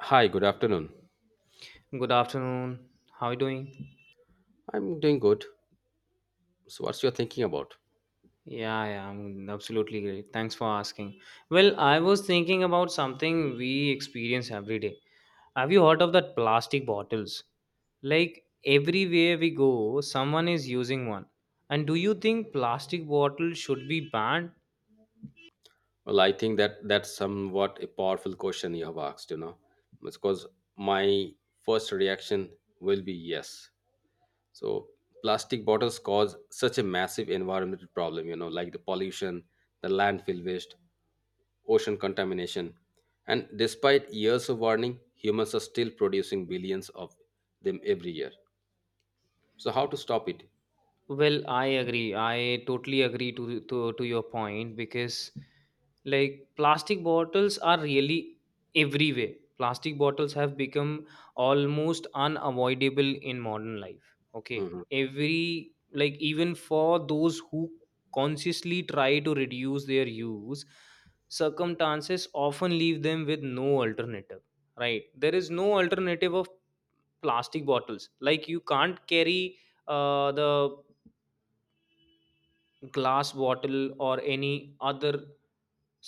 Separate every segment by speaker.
Speaker 1: Hi, good afternoon.
Speaker 2: Good afternoon. How are you doing?
Speaker 1: I'm doing good. So, what's your thinking about?
Speaker 2: Yeah, yeah, I'm absolutely great. Thanks for asking. Well, I was thinking about something we experience every day. Have you heard of that plastic bottles? Like everywhere we go, someone is using one. And do you think plastic bottles should be banned?
Speaker 1: Well, I think that's somewhat a powerful question you have asked, because my first reaction will be yes. So, plastic bottles cause such a massive environmental problem, like the pollution, the landfill waste, ocean contamination. And despite years of warning, humans are still producing billions of them every year. So, how to stop it?
Speaker 2: Well, I agree. I totally agree to your point because like plastic bottles are really everywhere. Plastic bottles have become almost unavoidable in modern life. Okay.
Speaker 1: Mhm.
Speaker 2: Every like even for those who consciously try to reduce their use, circumstances often leave them with no alternative. Right? There is no alternative of plastic bottles. Like you can't carry the glass bottle or any other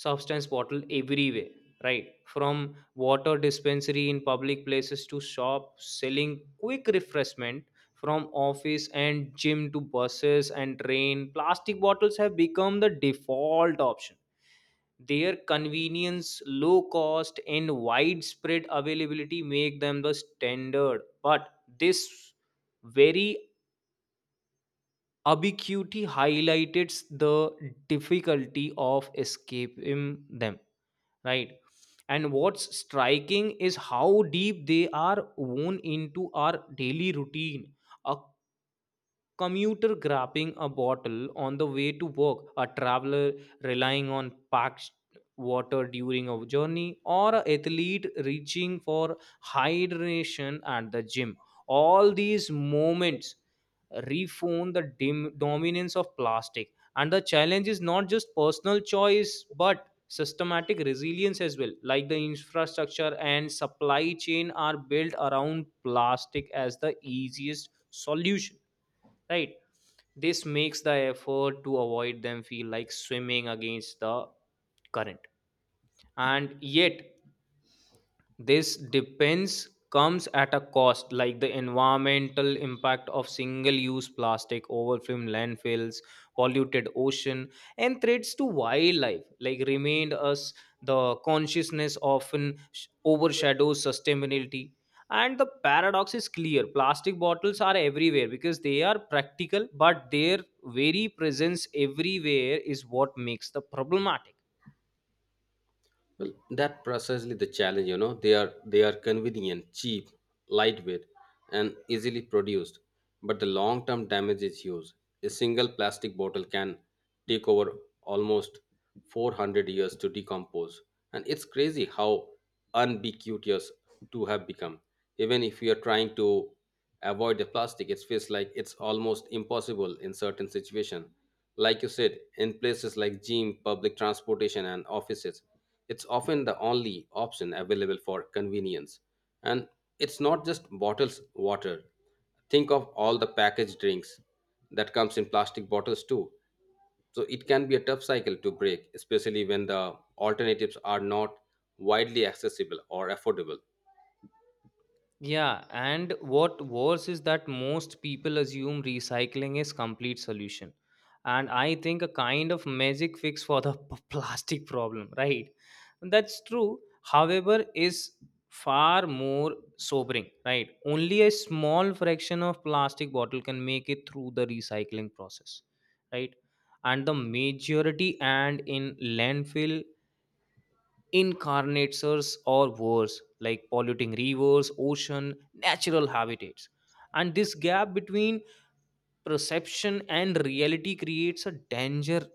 Speaker 2: substance bottle everywhere, right from water dispensary in public places to shop selling quick refreshment, from office and gym to buses and train. Plastic bottles have become the default option. Their convenience, low cost, and widespread availability make them the standard, but this very Ubiquity highlights the difficulty of escaping them, right? And what's striking is how deep they are woven into our daily routine, a commuter grabbing a bottle on the way to work, a traveler relying on packed water during a journey, or an athlete reaching for hydration at the gym. All these moments reform the dominance of plastic. And the challenge is not just personal choice, but systematic resilience as well. Like the infrastructure and supply chain are built around plastic as the easiest solution, right? This makes the effort to avoid them feel like swimming against the current. And yet this depends comes at a cost, like the environmental impact of single-use plastic, overflowing landfills, polluted ocean, and threats to wildlife. Like remained us, the consciousness often overshadows sustainability. And the paradox is clear: plastic bottles are everywhere because they are practical, but their very presence everywhere is what makes the problematic.
Speaker 1: Well, that precisely the challenge. They are convenient, cheap, lightweight, and easily produced. But the long-term damage is huge. A single plastic bottle can take over almost 400 years to decompose. And it's crazy how ubiquitous to have become, even if we are trying to avoid the plastic. It feels like it's almost impossible in certain situations, like you said, in places like gym, public transportation, and offices. It's often the only option available for convenience. And it's not just bottles water, think of all the packaged drinks that comes in plastic bottles too. So it can be a tough cycle to break, especially when the alternatives are not widely accessible or affordable.
Speaker 2: Yeah, and what worse is that most people assume recycling is complete solution. And I think a kind of magic fix for the plastic problem, right? That's true. However, is far more sobering, right? Only a small fraction of plastic bottle can make it through the recycling process, right? And the majority and in landfill Incarnators or worse, like polluting rivers, ocean, natural habitats. And this gap between perception and reality creates a danger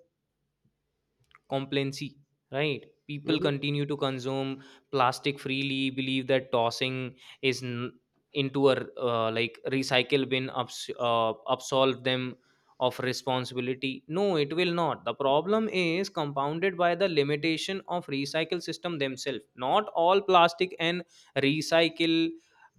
Speaker 2: complacency, right? People
Speaker 1: Mhm,
Speaker 2: continue to consume plastic freely, believe that tossing is into a like recycle bin ups, absolve them of responsibility. No, it will not. The problem is compounded by the limitation of recycle system themselves. Not all plastic and recycle,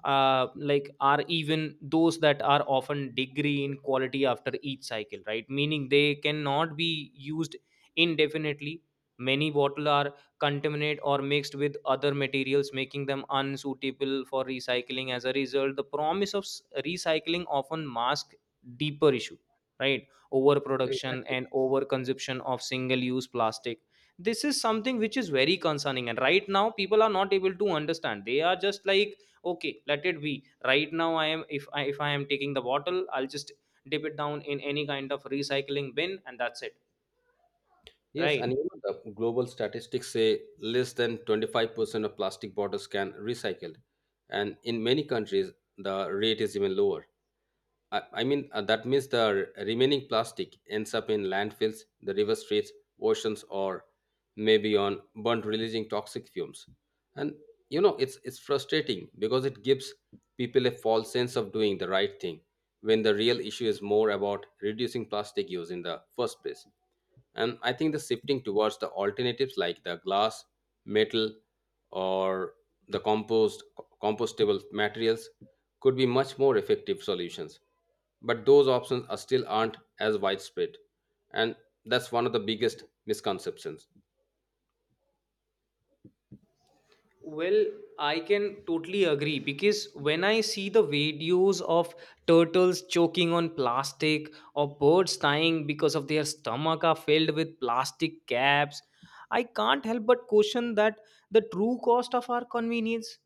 Speaker 2: like, are, even those that are, often degree in quality after each cycle, right? Meaning they cannot be used indefinitely. Many bottles are contaminated or mixed with other materials, making them unsuitable for recycling. As a result, the promise of recycling often masks deeper issue, right? Overproduction
Speaker 1: exactly.
Speaker 2: and overconsumption of single-use plastic. This is something which is very concerning, and right now people are not able to understand. They are just like, okay, let it be. Right now, I am, if I am taking the bottle, I'll just dip it down in any kind of recycling bin, and that's it,
Speaker 1: Yes, and
Speaker 2: right?
Speaker 1: the global statistics say less than 25% of plastic bottles can recycled, and in many countries the rate is even lower. I mean, that means the remaining plastic ends up in landfills, the river streets, oceans, or maybe on burnt, releasing toxic fumes. And it's frustrating because it gives people a false sense of doing the right thing when the real issue is more about reducing plastic use in the first place. And I think the shifting towards the alternatives like the glass, metal, or the compostable materials could be much more effective solutions, but those options are still aren't as widespread. And that's one of the biggest misconceptions.
Speaker 2: Well, I can totally agree, because when I see the videos of turtles choking on plastic or birds dying because of their stomach are filled with plastic caps, I can't help but question that the true cost of our convenience.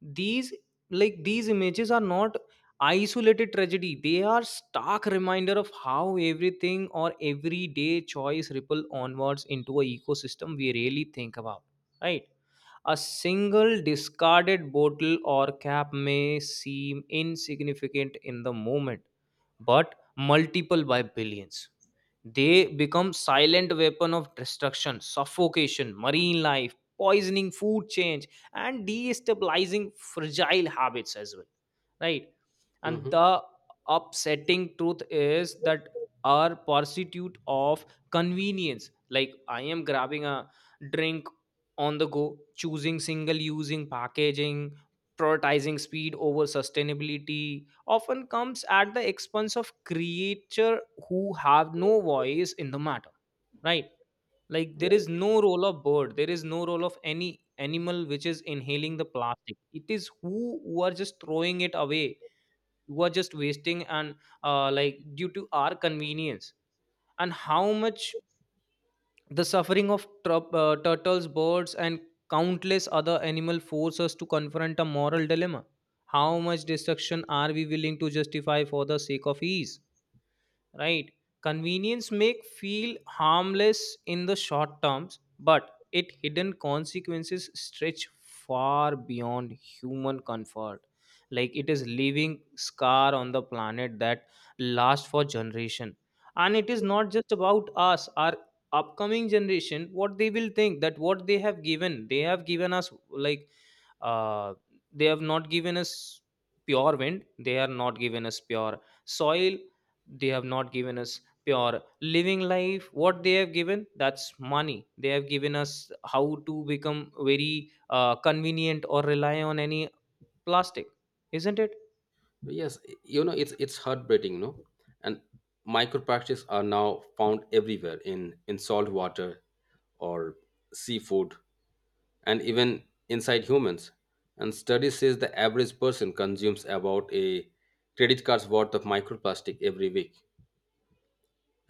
Speaker 2: These these images are not isolated tragedy. They are stark reminder of how everything or everyday choice ripple onwards into a ecosystem we really think about. Right? A single discarded bottle or cap may seem insignificant in the moment, but multiple by billions. They become silent weapon of destruction, suffocation, marine life, poisoning food change, and destabilizing fragile habits as well. Right? And
Speaker 1: Hmm.
Speaker 2: the upsetting truth is that our pursuit of convenience, like I am grabbing a drink on the go, choosing single using packaging, prioritizing speed over sustainability, often comes at the expense of creature who have no voice in the matter. Right? Like there is
Speaker 1: Right.
Speaker 2: no role of bird, there is no role of any animal which is inhaling the plastic. It is who are just throwing it away, who are just wasting, and like due to our convenience. And how much the suffering of turtles, birds, and countless other animals force us to confront a moral dilemma. How much destruction are we willing to justify for the sake of ease? Right? Convenience may feel harmless in the short terms, but it hidden consequences stretch far beyond human comfort. Like it is leaving scar on the planet that last for generation. And it is not just about us. Our upcoming generation, what they will think, that what they have given, they have given us like, uh, they have not given us pure wind, they are not given us pure soil, they have not given us pure living life. What they have given, that's money. They have given us how to become very convenient or rely on any plastic. Isn't it?
Speaker 1: Yes, it's heartbreaking, no? And microplastics are now found everywhere, in salt water or seafood, and even inside humans. And study says the average person consumes about a credit card's worth of microplastic every week.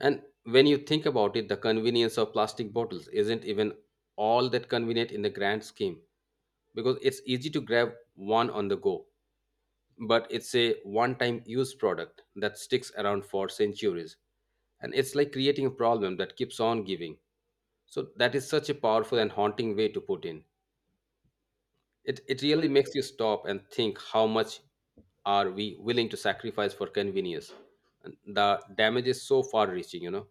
Speaker 1: And when you think about it, the convenience of plastic bottles isn't even all that convenient in the grand scheme because it's easy to grab one on the go. But it's a one time use product that sticks around for centuries. And it's like creating a problem that keeps on giving. So, that is such a powerful and haunting way to put in. It really
Speaker 2: Well,
Speaker 1: makes you stop and think how much are we willing to sacrifice for convenience. And the damage is so far reaching.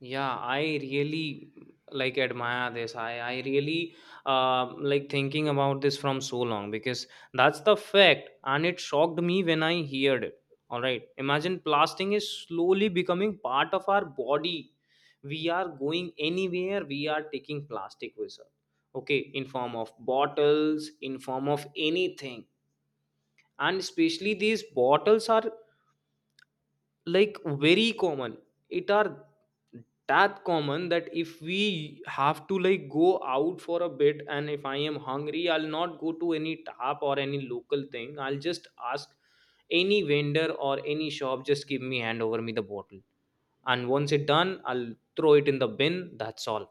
Speaker 2: yeah, I really like admire this. I really like thinking about this from so long, because that's the fact, and it shocked me when I heard it. All right, imagine plastic is slowly becoming part of our body. We are going anywhere. We are taking plastic with us. Okay, in form of bottles, in form of anything, and especially these bottles are like very common. It are that common that if we have to like go out for a bit, and if I am hungry, I'll not go to any tap or any local thing. I'll just ask any vendor or any shop, just give me, hand over me the bottle, and once it done, I'll throw it in the bin. That's all.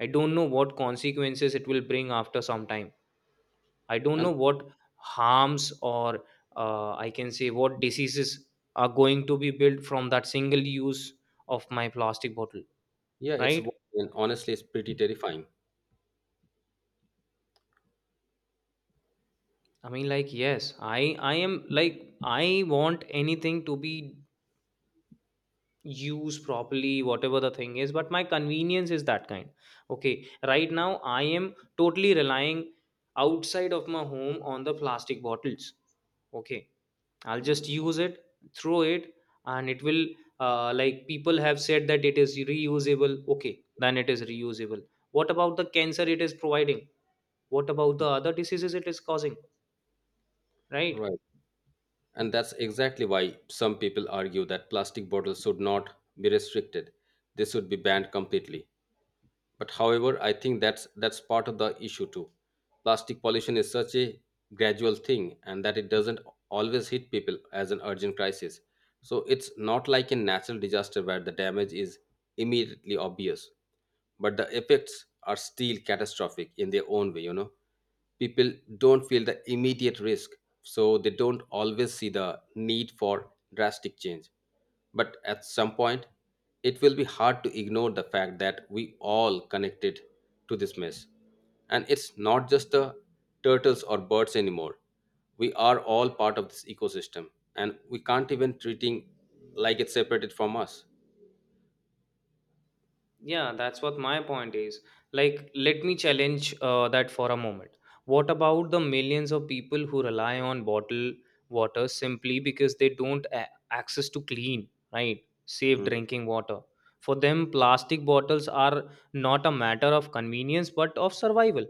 Speaker 2: I don't know what consequences it will bring after some time. I don't know
Speaker 1: And,
Speaker 2: what harms, or I can say what diseases are going to be built from that single use of my plastic bottle,
Speaker 1: yeah, it's
Speaker 2: right?
Speaker 1: and honestly, it's pretty terrifying.
Speaker 2: I mean, like, yes, I am like, I want anything to be used properly, whatever the thing is. But my convenience is that kind. Okay, right now I am totally relying, outside of my home, on the plastic bottles. Okay, I'll just use it, throw it, and it will, like, people have said that it is reusable. Okay, then it is reusable. What about the cancer it is providing? What about the other diseases it is causing? Right?
Speaker 1: Right. And that's exactly why some people argue that plastic bottles should not be restricted, they should be banned completely. But however I think that's part of the issue too. Plastic pollution is such a gradual thing, and that it doesn't always hit people as an urgent crisis. So it's not like a natural disaster where the damage is immediately obvious, but the effects are still catastrophic in their own way. People don't feel the immediate risk, so they don't always see the need for drastic change. But at some point it will be hard to ignore the fact that we all connected to this mess. And it's not just the turtles or birds anymore, we are all part of this ecosystem, and we can't even treating like it's separated from us.
Speaker 2: Yeah, that's what my point is. Like, let me challenge that for a moment. What about the millions of people who rely on bottled water simply because they don't access to clean, right, safe
Speaker 1: Hmm.
Speaker 2: drinking water? For them, plastic bottles are not a matter of convenience but of survival,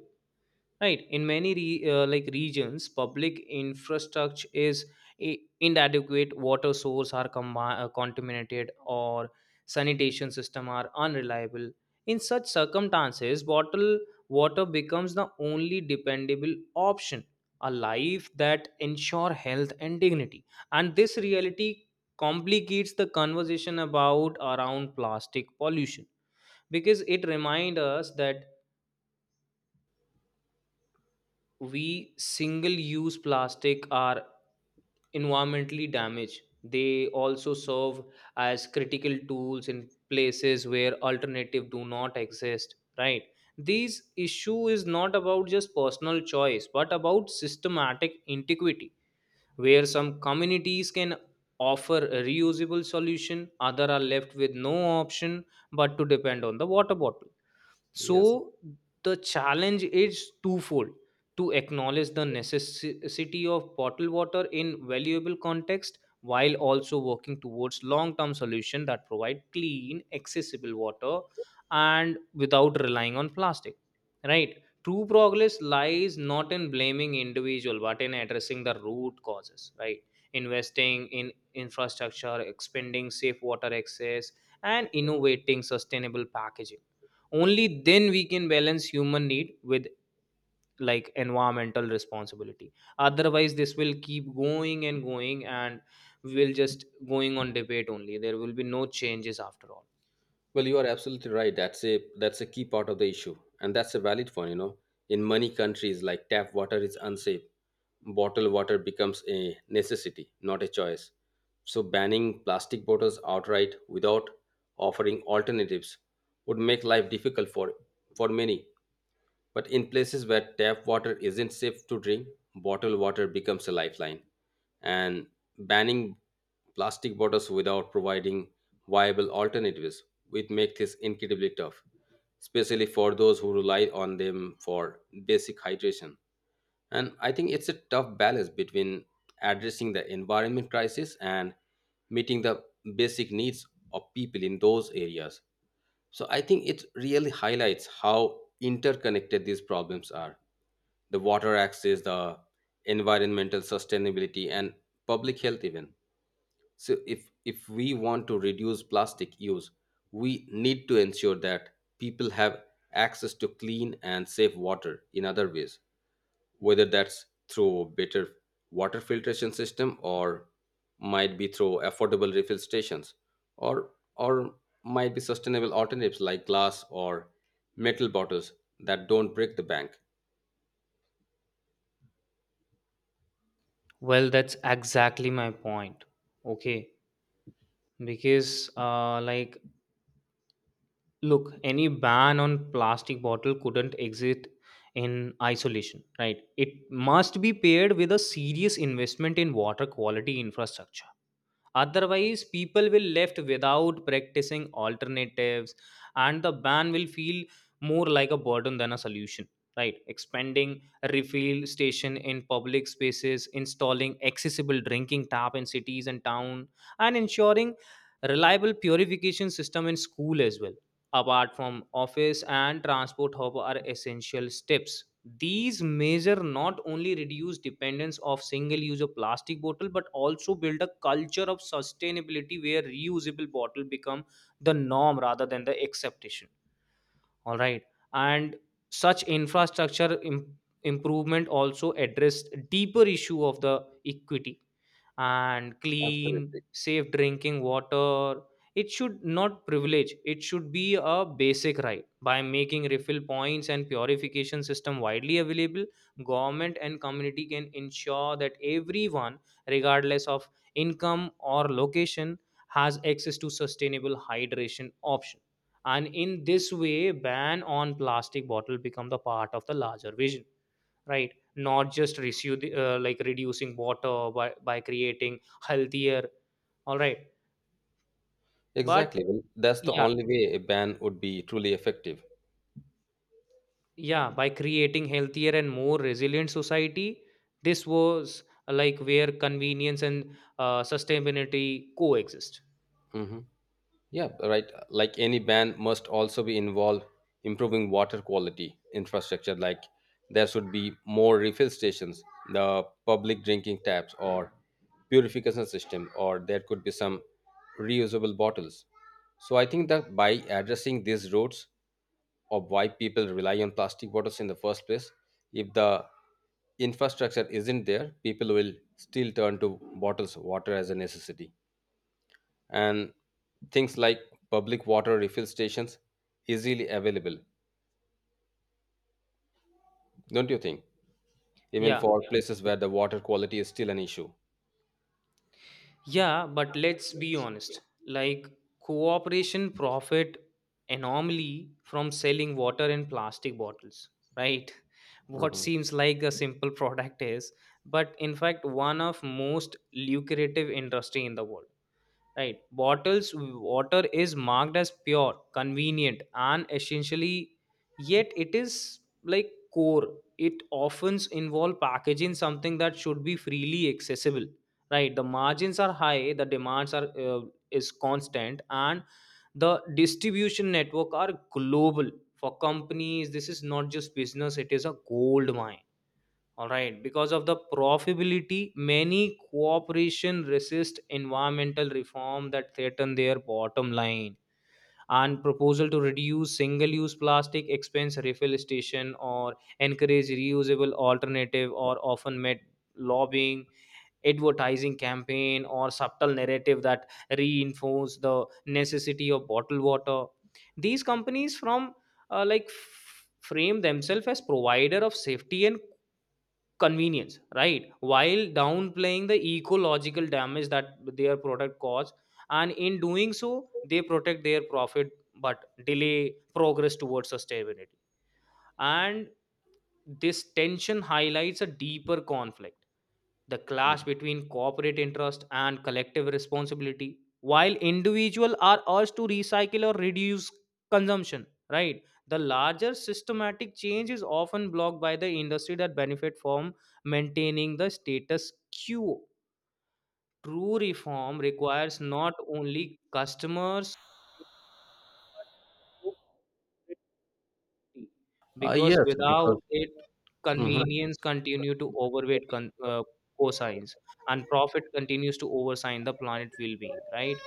Speaker 2: right? In many like regions, public infrastructure is inadequate, water source are contaminated, or sanitation system are unreliable. In such circumstances, bottled water becomes the only dependable option, a life that ensure health and dignity. And this reality complicates the conversation about around plastic pollution, because it reminds us that we single use plastic are environmentally damaged, they also serve as critical tools in places where alternative do not exist, right? This issue is not about just personal choice, but about systematic inequity, where some communities can offer a reusable solution, other are left with no option but to depend on the water bottle.
Speaker 1: Yes.
Speaker 2: So the challenge is twofold: to acknowledge the necessity of bottled water in valuable context, while also working towards long-term solution that provide clean, accessible water, and without relying on plastic, right? True progress lies not in blaming individual, but in addressing the root causes, right? Investing in infrastructure, expanding safe water access, and innovating sustainable packaging. Only then we can balance human need with like environmental responsibility. Otherwise this will keep going and going, and we'll just going on debate only, there will be no changes after all.
Speaker 1: Well, you are absolutely right. That's a key part of the issue, and that's a valid one. In many countries, like tap water is unsafe, bottled water becomes a necessity, not a choice. So, banning plastic bottles outright without offering alternatives would make life difficult for many. But in places where tap water isn't safe to drink, bottled water becomes a lifeline. And banning plastic bottles without providing viable alternatives would make this incredibly tough, especially for those who rely on them for basic hydration. And I think it's a tough balance between addressing the environment crisis and meeting the basic needs of people in those areas. So I think it really highlights how interconnected these problems are, the water access, the environmental sustainability, and public health, even. So, if we want to reduce plastic use, we need to ensure that people have access to clean and safe water in other ways, whether that's through better water filtration system, or might be through affordable refill stations, or or might be sustainable alternatives like glass or metal bottles that don't break the bank.
Speaker 2: Well, that's exactly my point. Okay, because like, look, any ban on plastic bottle couldn't exist in isolation, right? It must be paired with a serious investment in water quality infrastructure. Otherwise people will left without practicing alternatives, and the ban will feel more like a burden than a solution, right? Expanding refill station in public spaces, installing accessible drinking tap in cities and town, and ensuring reliable purification system in school as well, apart from office and transport hub, are essential steps. These measure not only reduce dependence of single use of plastic bottle, but also build a culture of sustainability where reusable bottle become the norm rather than the exception, all right? And such infrastructure improvement also addressed deeper issue of the equity and clean,
Speaker 1: Absolutely.
Speaker 2: safe drinking water. It should not privilege, it should be a basic right. By making refill points and purification system widely available, government and community can ensure that everyone, regardless of income or location, has access to sustainable hydration option. And in this way, ban on plastic bottle become the part of the larger vision, right? Not just like reducing water by creating healthier. All right. But
Speaker 1: Exactly. Well, that's the
Speaker 2: yeah,
Speaker 1: only way a ban would be truly effective.
Speaker 2: yeah, by creating healthier and more resilient society. This was like where convenience and sustainability coexist.
Speaker 1: Hmm. Yeah, right. Like any ban must also be involved improving water quality infrastructure. Like, there should be more refill stations, the public drinking taps, or purification system, or there could be some reusable bottles. So I think that by addressing these routes of why people rely on plastic bottles in the first place, if the infrastructure isn't there, people will still turn to bottles of water as a necessity. And things like public water refill stations easily available, don't you think, even
Speaker 2: Yeah.
Speaker 1: for, yeah, places where the water quality is still an issue.
Speaker 2: Yeah, but let's be honest. Like, cooperation profit enormously from selling water in plastic bottles, right? What
Speaker 1: Mhm.
Speaker 2: seems like a simple product is, but in fact, one of most lucrative industry in the world. Right. Bottles water is marked as pure, convenient, and essentially, yet it is like core. It often involve packaging something that should be freely accessible. Right. The margins are high. The demands are is constant, and the distribution network are global. For companies, this is not just business; it is a gold mine. All right, because of the profitability many cooperation resist environmental reform that threaten their bottom line, and proposal to reduce single use plastic expense refill station or encourage reusable alternative or often met lobbying, advertising campaign, or subtle narrative that reinforce the necessity of bottled water. These companies uh, like f- frame themselves as provider of safety and convenience, right, while downplaying the ecological damage that their product cause. And in doing so they protect their profit but delay progress towards sustainability. And this tension highlights a deeper conflict, the clash between corporate interest and collective responsibility. While individuals are urged to recycle or reduce consumption, right, the larger systematic change is often blocked by the industry that benefit from maintaining the status quo. True reform requires not only customers,
Speaker 1: Uh,
Speaker 2: because
Speaker 1: yes, because.
Speaker 2: without it
Speaker 1: Mhm.
Speaker 2: convenience continue to overweight cosines, and profit continues to oversign the planet well being, right.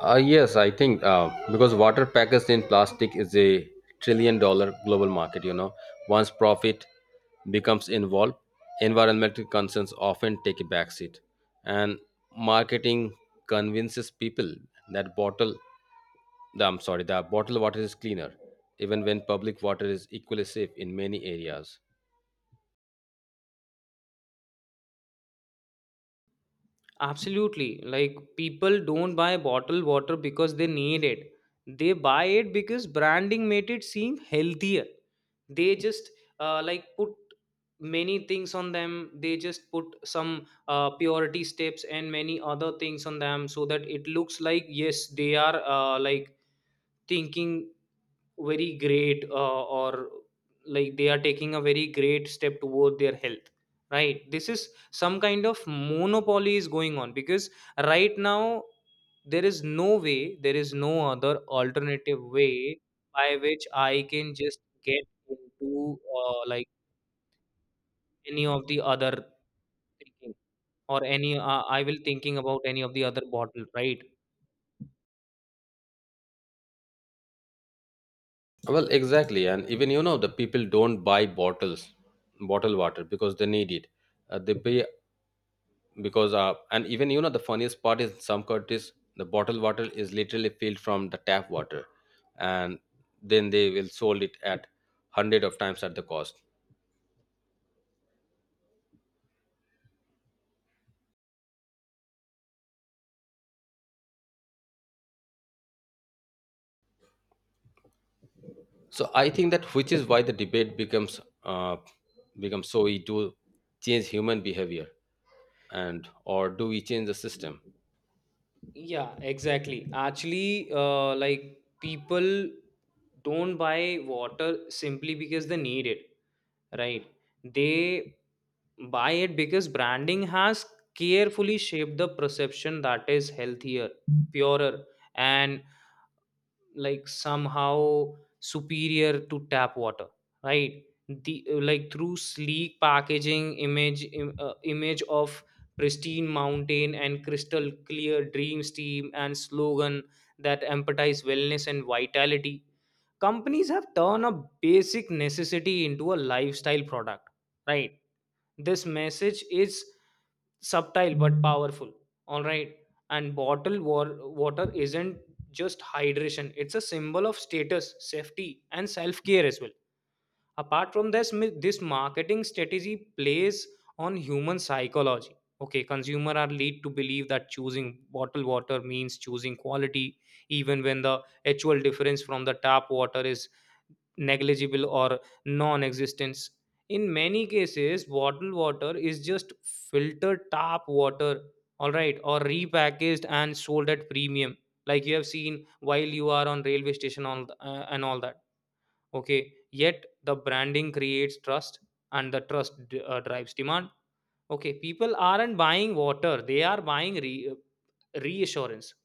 Speaker 1: Yes I think because water packaged in plastic is $1 trillion global market. Once profit becomes involved, environmental concerns often take a backseat, and marketing convinces people that bottle I'm sorry, the bottled water is cleaner, even when public water is equally safe in many areas.
Speaker 2: Absolutely, like people don't buy bottled water because they need it, they buy it because branding made it seem healthier. They just like put many things on them, they just put some purity steps and many other things on them, so that it looks like, yes, they are like thinking very great, or like they are taking a very great step toward their health, right. This is some kind of monopoly is going on, because right now there is no way, there is no other alternative way by which I can just get into like any of the other thinking, or any I will thinking about any of the other bottle, right.
Speaker 1: Well, exactly, and even the people don't buy bottled water because they need it. They pay because and even the funniest part is some countries the bottled water is literally filled from the tap water, and then they will sold it at 100 of times at the cost. So I think that which is why the debate becomes so it to change human behavior, and or do we change the system.
Speaker 2: Yeah, exactly. Actually, like people don't buy water simply because they need it, right? They buy it because branding has carefully shaped the perception that is healthier, purer, and like somehow superior to tap water, right. The like through sleek packaging, image of pristine mountain and crystal clear dream steam, and slogan that empathize wellness and vitality. Companies have turned a basic necessity into a lifestyle product, right. This message is subtle but powerful. All right. And water isn't just hydration, it's a symbol of status, safety, and self care as well. Apart from this, this marketing strategy plays on human psychology. Okay, consumer are lead to believe that choosing bottled water means choosing quality, even when the actual difference from the tap water is negligible or non-existence. In many cases bottled water is just filtered tap water, all right, or repackaged and sold at premium, like you have seen while you are on railway station all and all that. Okay, yet the branding creates trust, and drives demand. Okay, people aren't buying water, they are buying reassurance,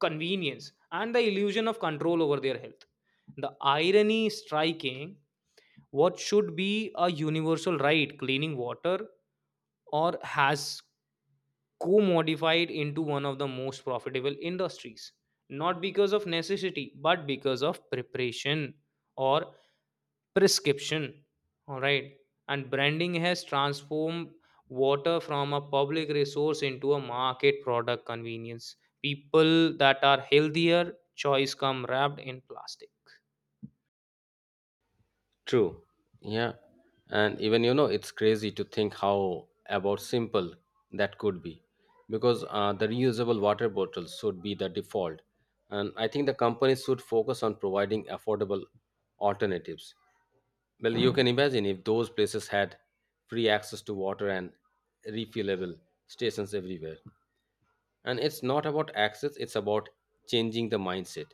Speaker 2: convenience, and the illusion of control over their health. The irony is striking. What should be a universal right, cleaning water, or has co modified into one of the most profitable industries? Not because of necessity, but because of preparation or prescription. All right. And branding has transformed water from a public resource into a market product convenience. People that are healthier, choice come wrapped in plastic.
Speaker 1: True. Yeah. And even it's crazy to think how about simple that could be, because the reusable water bottles should be the default. And I think the companies should focus on providing affordable alternatives. Well, you can imagine if those places had free access to water and refillable stations everywhere. And it's not about access, it's about changing the mindset.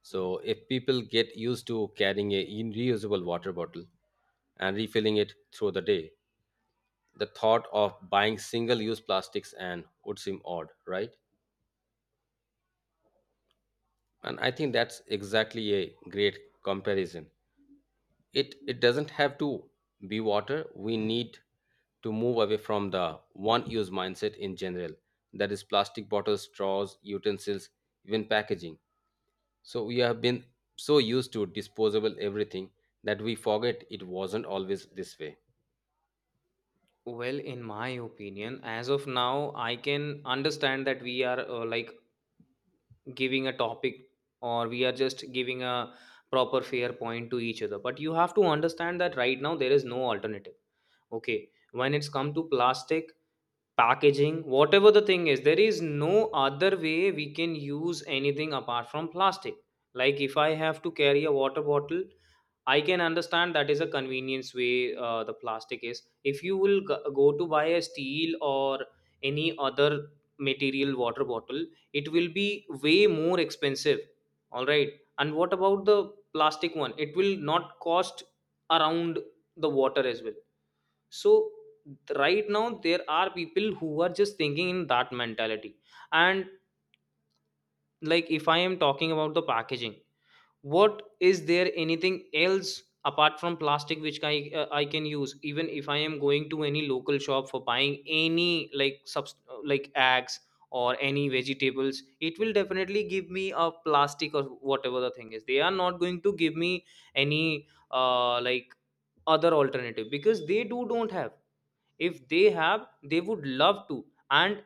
Speaker 1: So if people get used to carrying a reusable water bottle and refilling it through the day, the thought of buying single use plastics and would seem odd. Right. And I think that's exactly a great comparison. It doesn't have to be water. We need to move away from the one use mindset in general, that is plastic bottles, straws, utensils, even packaging. So we have been so used to disposable everything that we forget it wasn't always this way.
Speaker 2: Well, in my opinion, as of now, I can understand that we are like giving a topic, or we are just giving a proper fair point to each other. But you have to understand that right now there is no alternative. Okay, when it's come to plastic, packaging, whatever the thing is, there is no other way we can use anything apart from plastic. Like if I have to carry a water bottle, I can understand that is a convenience way, the plastic is. If you will go to buy a steel or any other material water bottle, it will be way more expensive. All right. And what about the plastic one? It will not cost around the water as well. So right now there are people who are just thinking in that mentality. And like if I am talking about the packaging, what is there anything else apart from plastic which I can use? Even if I am going to any local shop for buying any like like eggs or any vegetables, it will definitely give me a plastic or whatever the thing is. They are not going to give me any like other alternative because they do don't have. If they have they would love to. And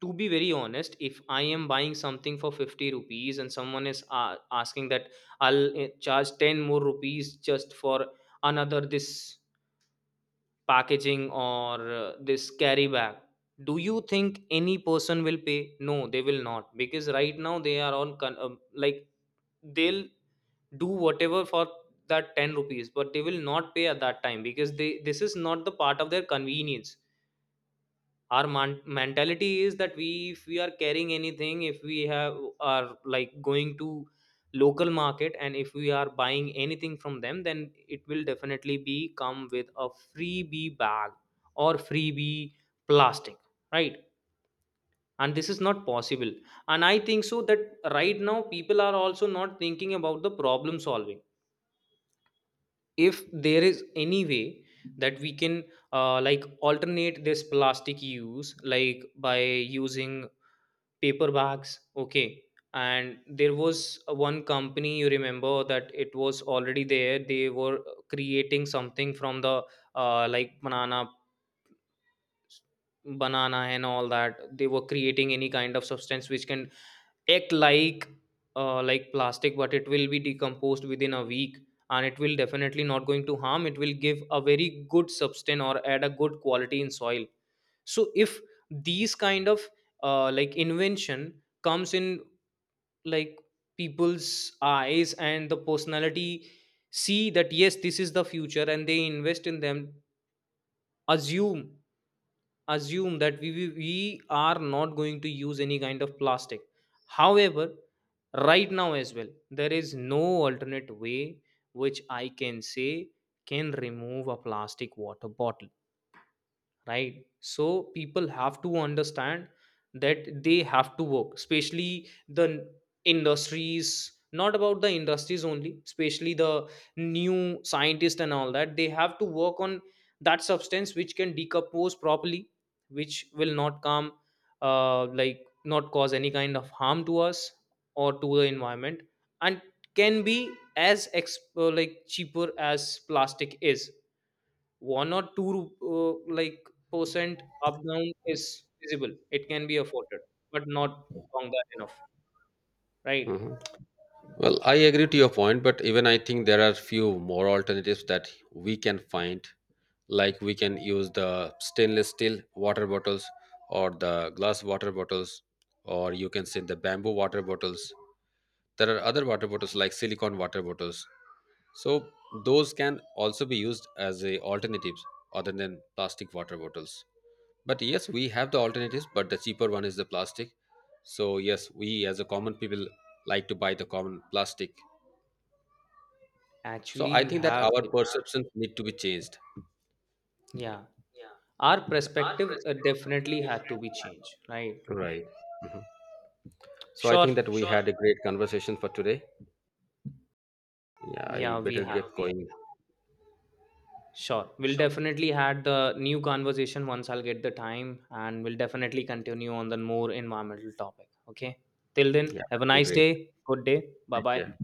Speaker 2: to be very honest, if I am buying something for 50 rupees and someone is asking that, I'll charge 10 more rupees just for another this packaging or this carry bag, do you think any person will pay? No, they will not, because right now they are on like they'll do whatever for that 10 rupees, but they will not pay at that time because they this is not the part of their convenience. Our mentality is that we, if we are carrying anything, if we have are like going to local market and if we are buying anything from them, then it will definitely be come with a freebie bag or freebie plastic, right. And this is not possible. And I think so that right now people are also not thinking about the problem solving, if there is any way that we can like alternate this plastic use, like by using paper bags, okay. And there was a one company, you remember, that it was already there, they were creating something from the like banana and all that. They were creating any kind of substance which can act like plastic, but it will be decomposed within a week. And it will definitely not going to harm, it will give a very good substance or add a good quality in soil. So if these kind of like invention comes in, like people's eyes and the personality see that, yes, this is the future and they invest in them. Assume, assume that we are not going to use any kind of plastic. However, right now as well there is no alternate way which I can say can remove a plastic water bottle, right. So people have to understand that they have to work, especially industries. Not about the industries only, especially the new scientists and all that, they have to work on that substance which can decompose properly, which will not come not cause any kind of harm to us or to the environment, and can be as like cheaper as plastic is. One or two like percent up down is visible, it can be afforded, but not longer enough, right.
Speaker 1: Mhm. Well, I agree to your point, but even I think there are few more alternatives that we can find. Like we can use the stainless steel water bottles, or the glass water bottles, or you can say the bamboo water bottles. There are other water bottles like silicone water bottles. So those can also be used as a alternatives other than plastic water bottles. But yes, we have the alternatives, but the cheaper one is the plastic. So yes, we as a common people like to buy the common plastic. So
Speaker 2: Actually
Speaker 1: I
Speaker 2: we
Speaker 1: think that
Speaker 2: have
Speaker 1: our
Speaker 2: it.
Speaker 1: perceptions need to be changed.
Speaker 2: Yeah.
Speaker 1: Yeah.
Speaker 2: Our
Speaker 1: Yeah.
Speaker 2: perspective definitely had to be changed, right.
Speaker 1: Right. Mhm. So I
Speaker 2: Sure.
Speaker 1: think that we had a great conversation for today. Yeah, I
Speaker 2: Yeah, we
Speaker 1: better
Speaker 2: had.
Speaker 1: get going.
Speaker 2: Sure, we'll
Speaker 1: Yeah,
Speaker 2: definitely had the new conversation once I'll get the time, and we'll definitely continue on the more environmental topic, okay. Till then,
Speaker 1: that
Speaker 2: have a
Speaker 1: would be
Speaker 2: nice
Speaker 1: great.
Speaker 2: day, good day. Bye
Speaker 1: Take
Speaker 2: bye.
Speaker 1: care.